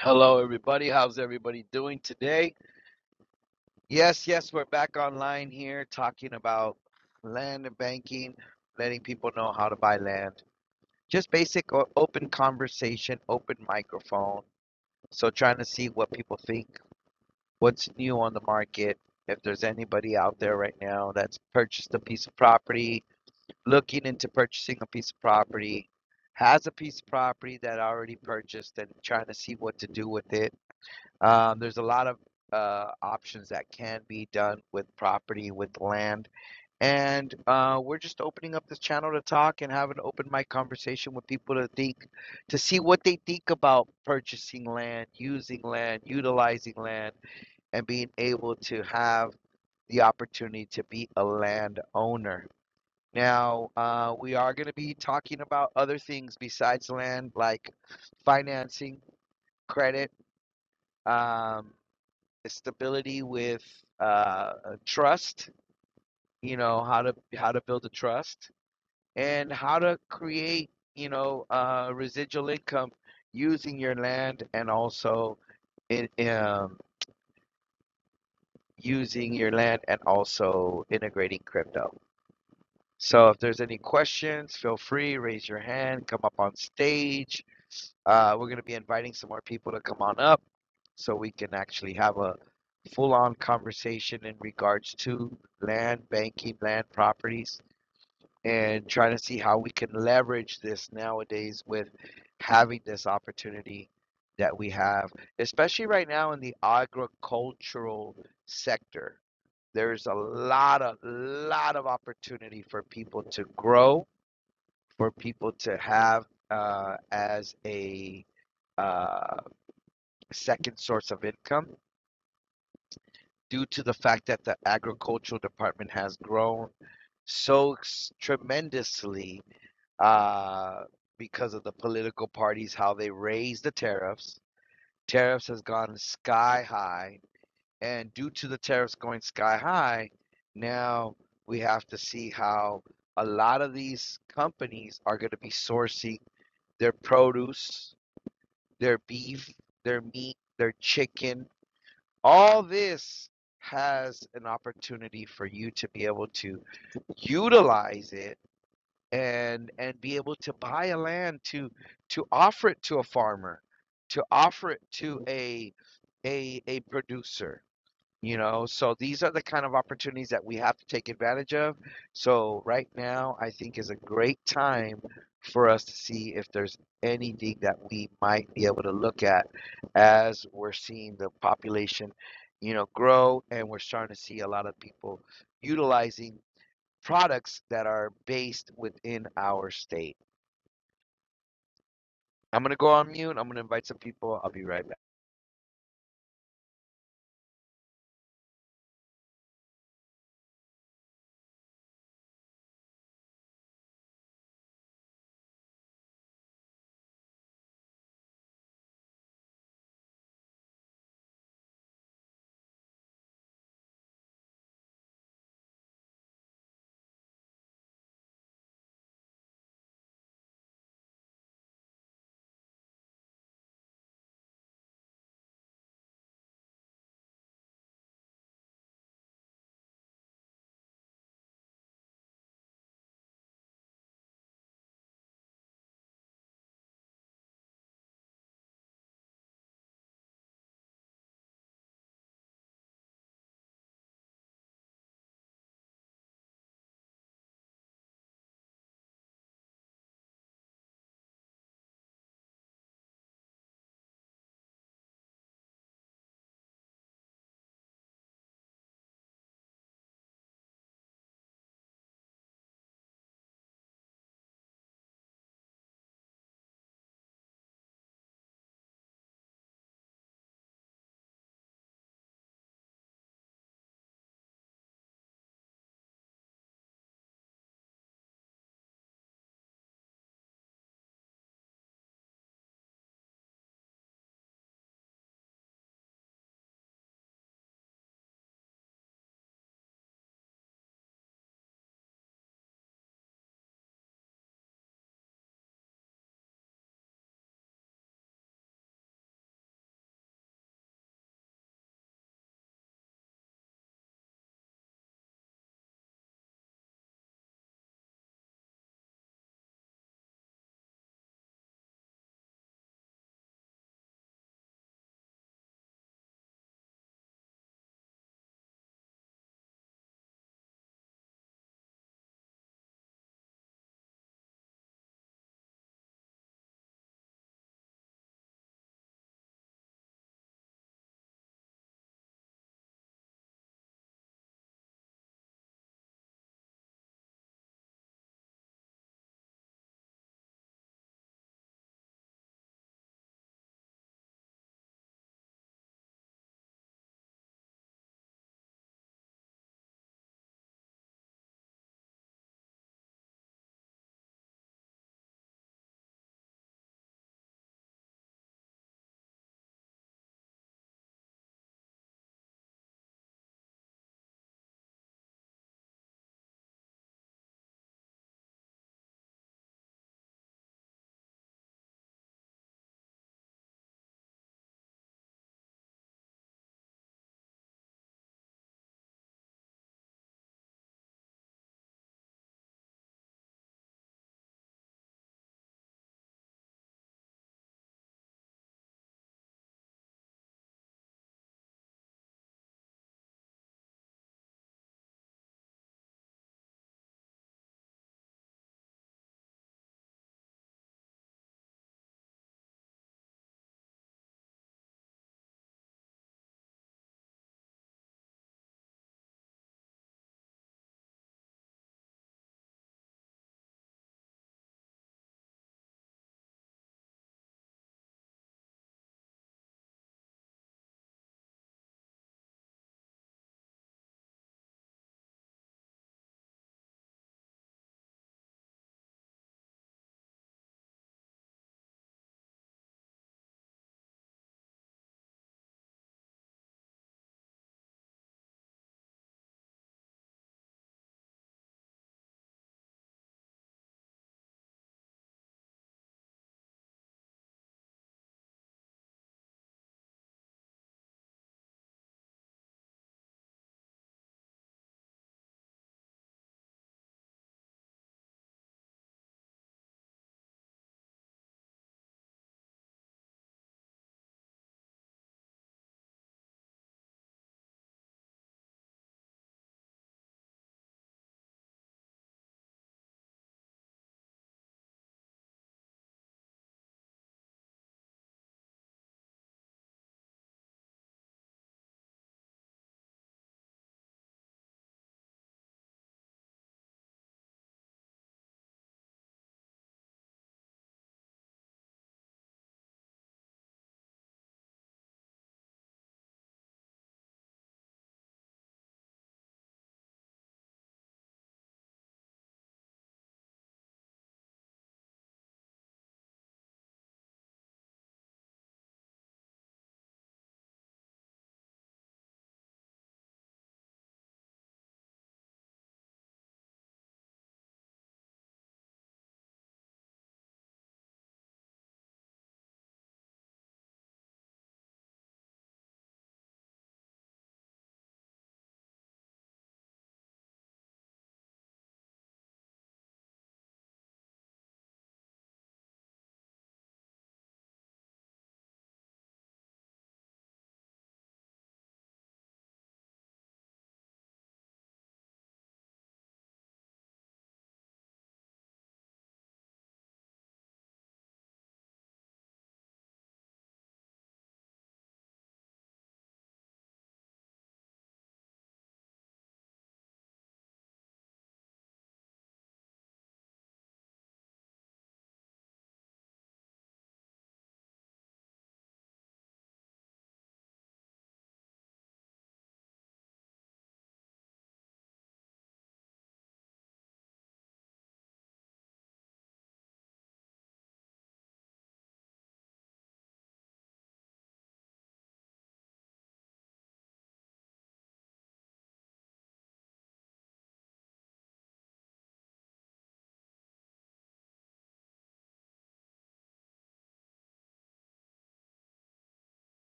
Hello, everybody. How's everybody doing today? Yes, yes, we're back online here talking about land and banking, letting people know how to buy land. Just basic o- open conversation, open microphone. So, trying to see what people think, what's new on the market, if there's anybody out there right now that's purchased a piece of property, looking into purchasing a piece of property, has a piece of property that already purchased and trying to see what to do with it Um, there's a lot of uh, options that can be done with property, with land, and uh, we're just opening up this channel to talk and have an open mic conversation with people to think, to see what they think about purchasing land, using land, utilizing land, and being able to have the opportunity to be a land owner. Now, uh, we are going to be talking about other things besides land, like financing, credit. Um, stability with uh, trust. You know how to how to build a trust and how to create you know uh, residual income using your land and also in, um, using your land and also integrating crypto. So if there's any questions, feel free raise your hand, come up on stage. Uh, we're going to be inviting some more people to come on up so we can actually have a full on conversation in regards to land banking, land properties, and trying to see how we can leverage this nowadays with having this opportunity that we have, especially right now in the agricultural sector. There's a lot of lot of opportunity for people to grow, for people to have uh, as a uh, second source of income due to the fact that the agricultural department has grown so tremendously uh, because of the political parties, how they raise the tariffs. Tariffs has gone sky high, and due to the tariffs going sky high, now we have to see how a lot of these companies are going to be sourcing their produce, their beef, their meat, their chicken, all this has an opportunity for you to be able to utilize it and and be able to buy a land to to offer it to a farmer to offer it to a a a producer you know, so these are the kind of opportunities that we have to take advantage of. So right now, I think is a great time for us to see if there's anything that we might be able to look at as we're seeing the population, you know, grow and we're starting to see a lot of people utilizing products that are based within our state. I'm gonna go on mute. I'm gonna invite some people. I'll be right back.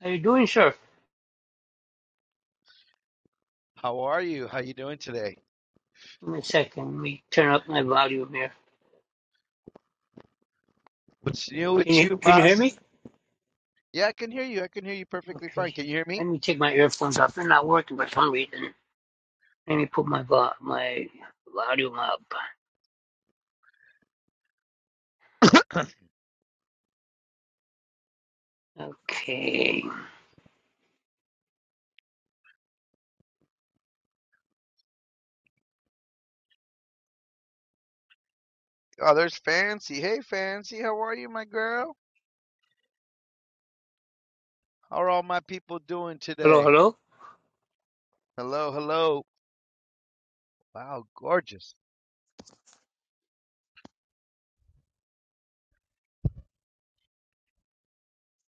How you doing, sir? How are you? How you doing today? Give me a second. Let me turn up my volume here. What's new Can with you you, can you hear boss? me? Yeah, I can hear you. I can hear you perfectly fine. Okay. Can you hear me? Let me take my earphones off. They're not working for some reason. Let me put my vo- my volume up. Okay. Oh, there's Fancy. Hey, Fancy. How are you, my girl? How are all my people doing Hello, today? hello. Hello, hello. Wow, gorgeous.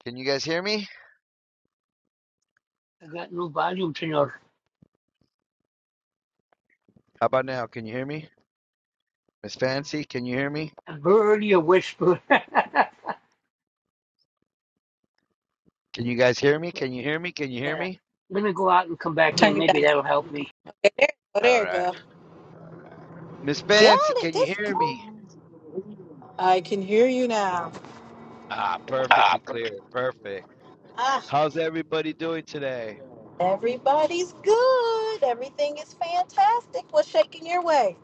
Can you guys hear me? I got no volume, senor. How about now? Can you hear me? Miss Fancy, can you hear me? I've already a whisper. yeah. Can you guys hear me? Can you hear me? Can you hear me? Let me go out and come back Turn in. you Maybe back. that'll help me. Okay, there, oh, All there you right. go. Miss Fancy, Got it. can you This. hear me? I can hear you now. Ah, perfectly clear. Perfect. Ah, How's everybody doing today? everybody's good. Everything is fantastic. What's shaking your way?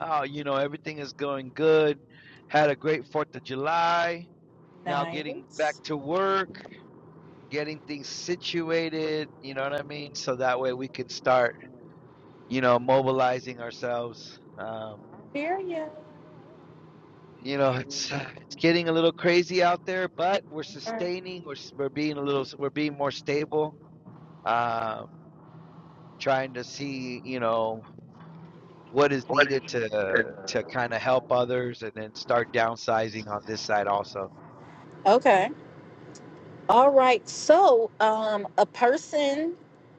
Oh, you know, everything is going good. Had a great 4th of July now getting back Nice. to work, getting things situated, you know what I mean? So that way we can start, you know, mobilizing ourselves. Um, Hear you. you know, it's it's getting a little crazy out there, but we're sustaining, we're we're being a little we're being more stable, um, trying to see, you know, what is What is needed to to kind of help others and then start downsizing on this side also. Okay. All right. So, um, a person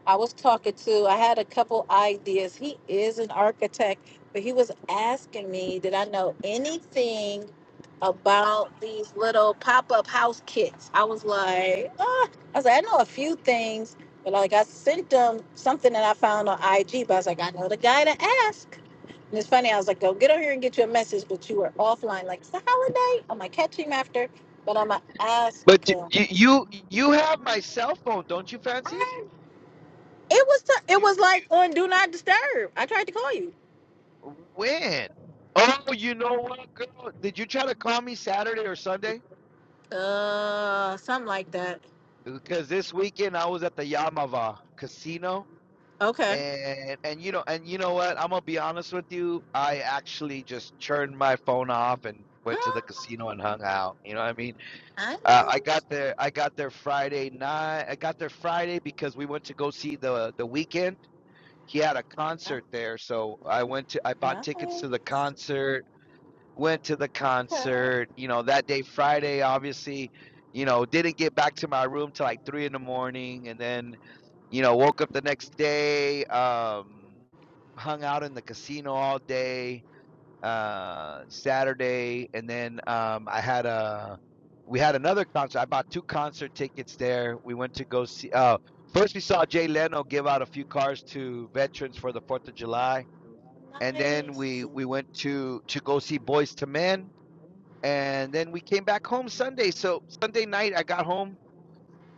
I was talking to, I had a couple ideas. He is an architect, but he was asking me, did I know anything about these little pop-up house kits? I was like, ah. I was like, I know a few things, but like I sent him something that I found on IG, but I was like, I know the guy to ask. And it's funny, I was like, go get on here and get you a message, but you were offline. Like, it's the holiday. I'm gonna catch him after, but I'm gonna ask But d- him. you you you have my cell phone, don't you, Fancy? I- It was t- it You. was like on Do Not Disturb. I tried to call you. When? Oh, you know what, girl? Did you try to call me Saturday or Sunday? Uh, something like that. Because this weekend I was at the Yamava Casino, Okay. and and you know and you know what? I'm gonna be honest with you. I actually just turned my phone off and went to the Mm, casino and hung out. You know what I mean? I Uh, know. I got the- there. I got there Friday night. I got there Friday because we went to go see the the weekend. He had a uh, concert there, so I went to. I bought tickets to the Nice. concert went to the Okay. concert, you know, that day, Friday, obviously, you know, didn't get back to my room till like three in the morning. And then, you know, woke up the next day, um, hung out in the casino all day, uh, Saturday. And then, um, I had a, we had another concert. I bought two concert tickets there. We went to go see, uh, first we saw Jay Leno give out a few cars to veterans for the 4th of July. And then Nice. we, we went to, to go see Boys to Men and then we came back home Sunday. So Sunday night I got home,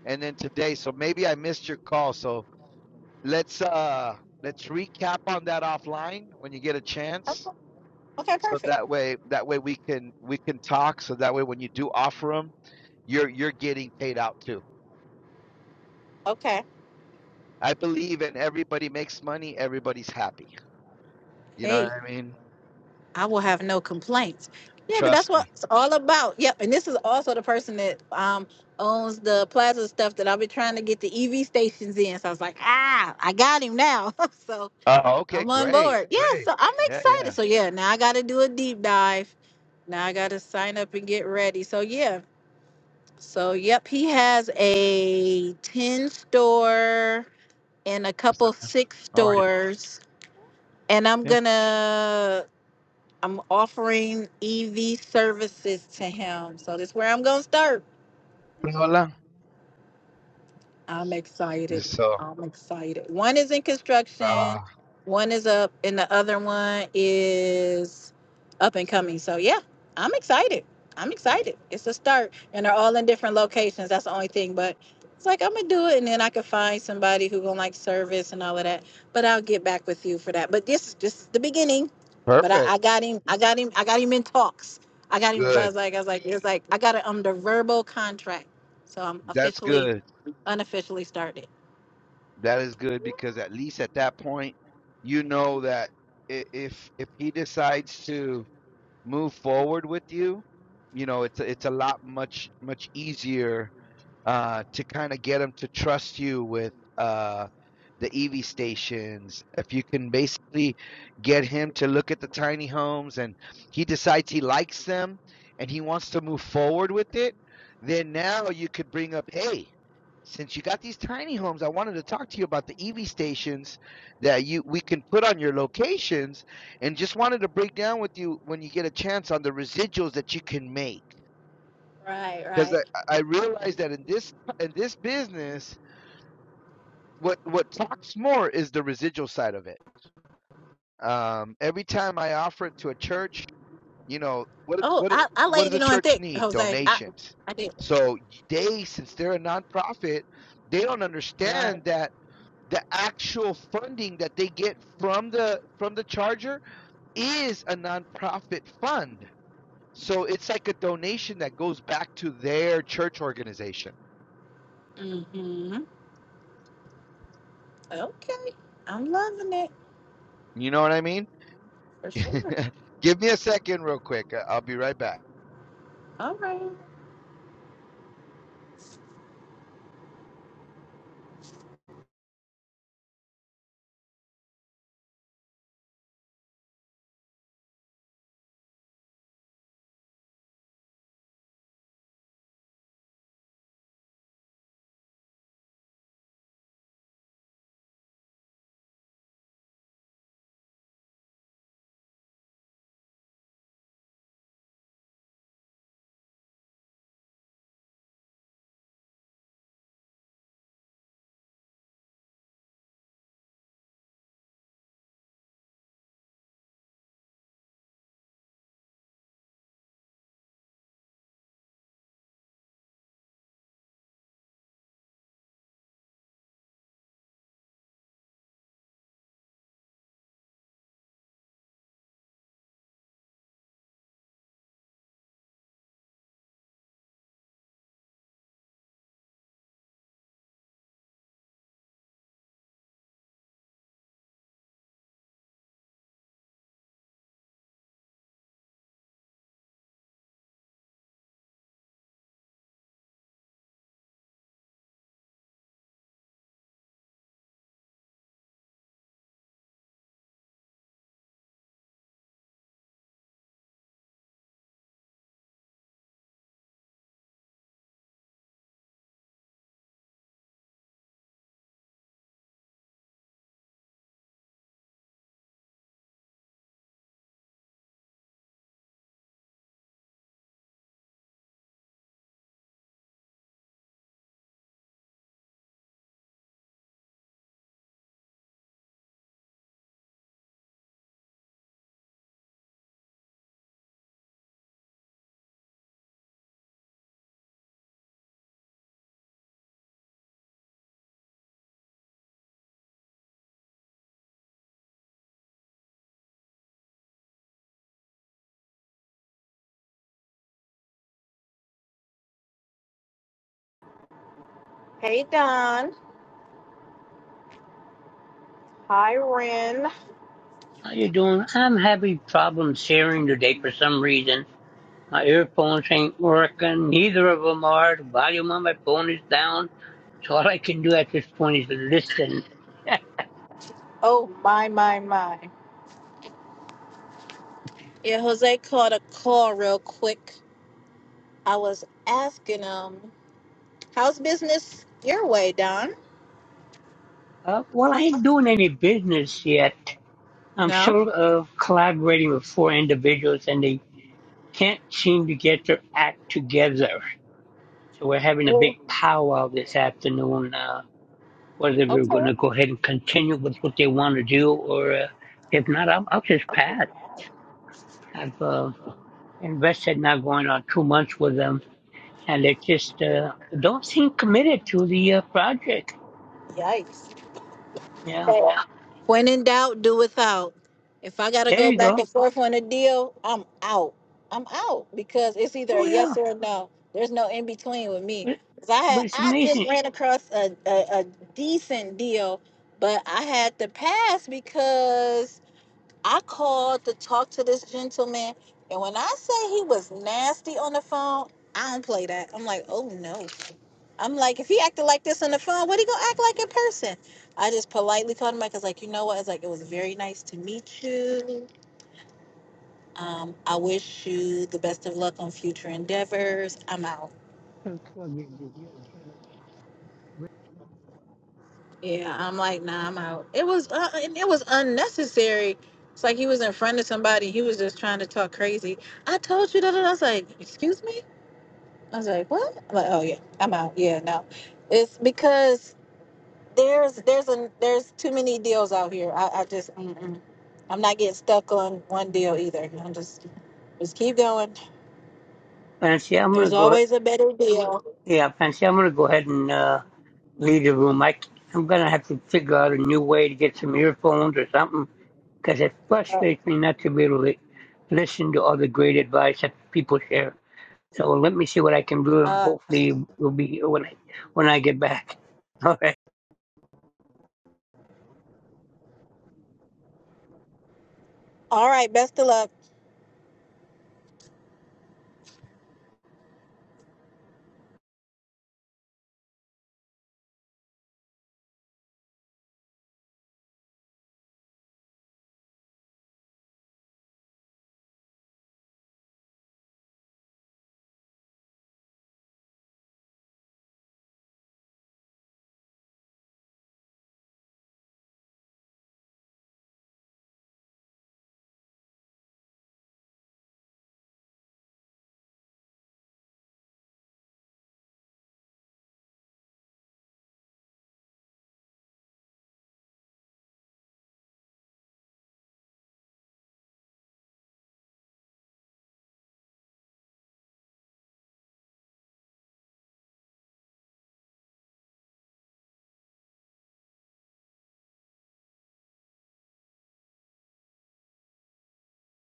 and then today. So maybe I missed your call. So let's uh let's recap on that offline when you get a chance. Okay. Okay, So Perfect. that way that way we can we can talk. So that way when you do offer them, you're you're getting paid out too. Okay. I believe, in everybody makes money. Everybody's happy. You know what Hey, I mean? I will have no complaints. Yeah, but that's Trust what me. it's all about. Yep. And this is also the person that um owns the plaza stuff that I've been trying to get the EV stations in. So I was like, ah, I got him now. so Oh, okay, I'm on great, board. Yeah, great. so I'm Yeah, yeah. excited. So yeah, now I got to do a deep dive. Now I got to sign up and get ready. So yeah. So yep, he has a 10 store and a What's couple up, man? six How are you? stores and I'm Yeah. going to I'm offering EV services to him. So that's where I'm going to start. Hola. I'm excited. So, I'm excited. One is in uh, construction, one is up, and the other one is up and coming. So yeah, I'm excited. I'm excited. It's a start, and they're all in different locations. That's the only thing, but it's like I'm gonna do it, and then I could find somebody who gonna like service and all of that. But I'll get back with you for that. But this is just the beginning. But I, perfect. I got him. I got him. I got him in talks. I got him. So I Good. was like, I was like, it's like I got a, um the verbal contract. So I'm That's officially good. unofficially started. That is good because at least at that point, you know that i- if if he decides to move forward with you, you know it's a- it's a lot much much easier uh, to kind of get them to trust you with uh, the EV stations. If you can basically get him to look at the tiny homes and he decides he likes them and he wants to move forward with it, then now you could bring up, hey, since you got these tiny homes, I wanted to talk to you about the EV stations that you we can put on your locations and just wanted to break down with you when you get a chance on the residuals that you can make Right, because I, right. I realized that in this in this business, what what talks more is the residual side of it. Um, every time I offer it to a church, you know what Oh, what I, I what laid does a it on church thick, need? Jose. I, Donations. I did. So they, since they're a nonprofit, they don't Right. understand that the actual funding that they get from the from the charger is a nonprofit fund. So it's like a donation that goes back to their church organization. Mm-hmm. Okay. I'm loving it You know what I mean? for sure. Give me a second, real quick. I- I'll be right back. All right. Hey, Don. Hi, Ren. How you doing? I'm having problems hearing today for some reason. My earphones ain't working. Neither of them are. The volume on my phone is down. So all I can do at this point is listen. Yeah. Oh, my, my, my. Yeah, Jose caught a call real quick. I was asking him, how's business your way, Don? Uh, well, I ain't doing any business yet. I'm No. sort of collaborating with four individuals and they can't seem to get their act together. So we're having a Oh, big powwow this afternoon, uh, whether we're Okay. going to go ahead and continue with what they want to do or uh, if not, I'll, I'll just pass. I've uh, invested now going on two months with them and it just uh, don't seem committed to the uh, project. Yikes. Yeah, When in doubt, do without. If I gotta there go you back go. and forth on a deal, I'm out. I'm out because it's either a Oh yes yeah, or a no. There's no in between with me. but, 'Cause I had but it's I just amazing. ran across a, a, a decent deal, but I had to pass because I called to talk to this gentleman, and when I say he was nasty on the phone, I don't play that. I'm like, oh no. I'm like, if he acted like this on the phone, what he gonna act like in person? I just politely called him, back. I was like, you know what? It's like it was very nice to meet you. Um, I wish you the best of luck on future endeavors. I'm out. Yeah, I'm like, nah, I'm out. It was, uh, and it was unnecessary. It's like he was in front of somebody. He was just trying to talk crazy. I told you that. and I was like, excuse me. I was like, "What?" I'm like, "Oh yeah, I'm out. Yeah, no." It's because there's there's a there's too many deals out here. I, I just mm-mm. I'm not getting stuck on one deal either. I'm just just keep going. Fancy, I'm gonna There's go. always a better deal. Yeah, Fancy, I'm gonna go ahead and uh, leave the room. I, am gonna have to figure out a new way to get some earphones or something because it frustrates me not to be able to listen to all the great advice that people share. So let me see what I can do, and Uh, hopefully we'll be here when I when I get back. All right. all right, best of luck.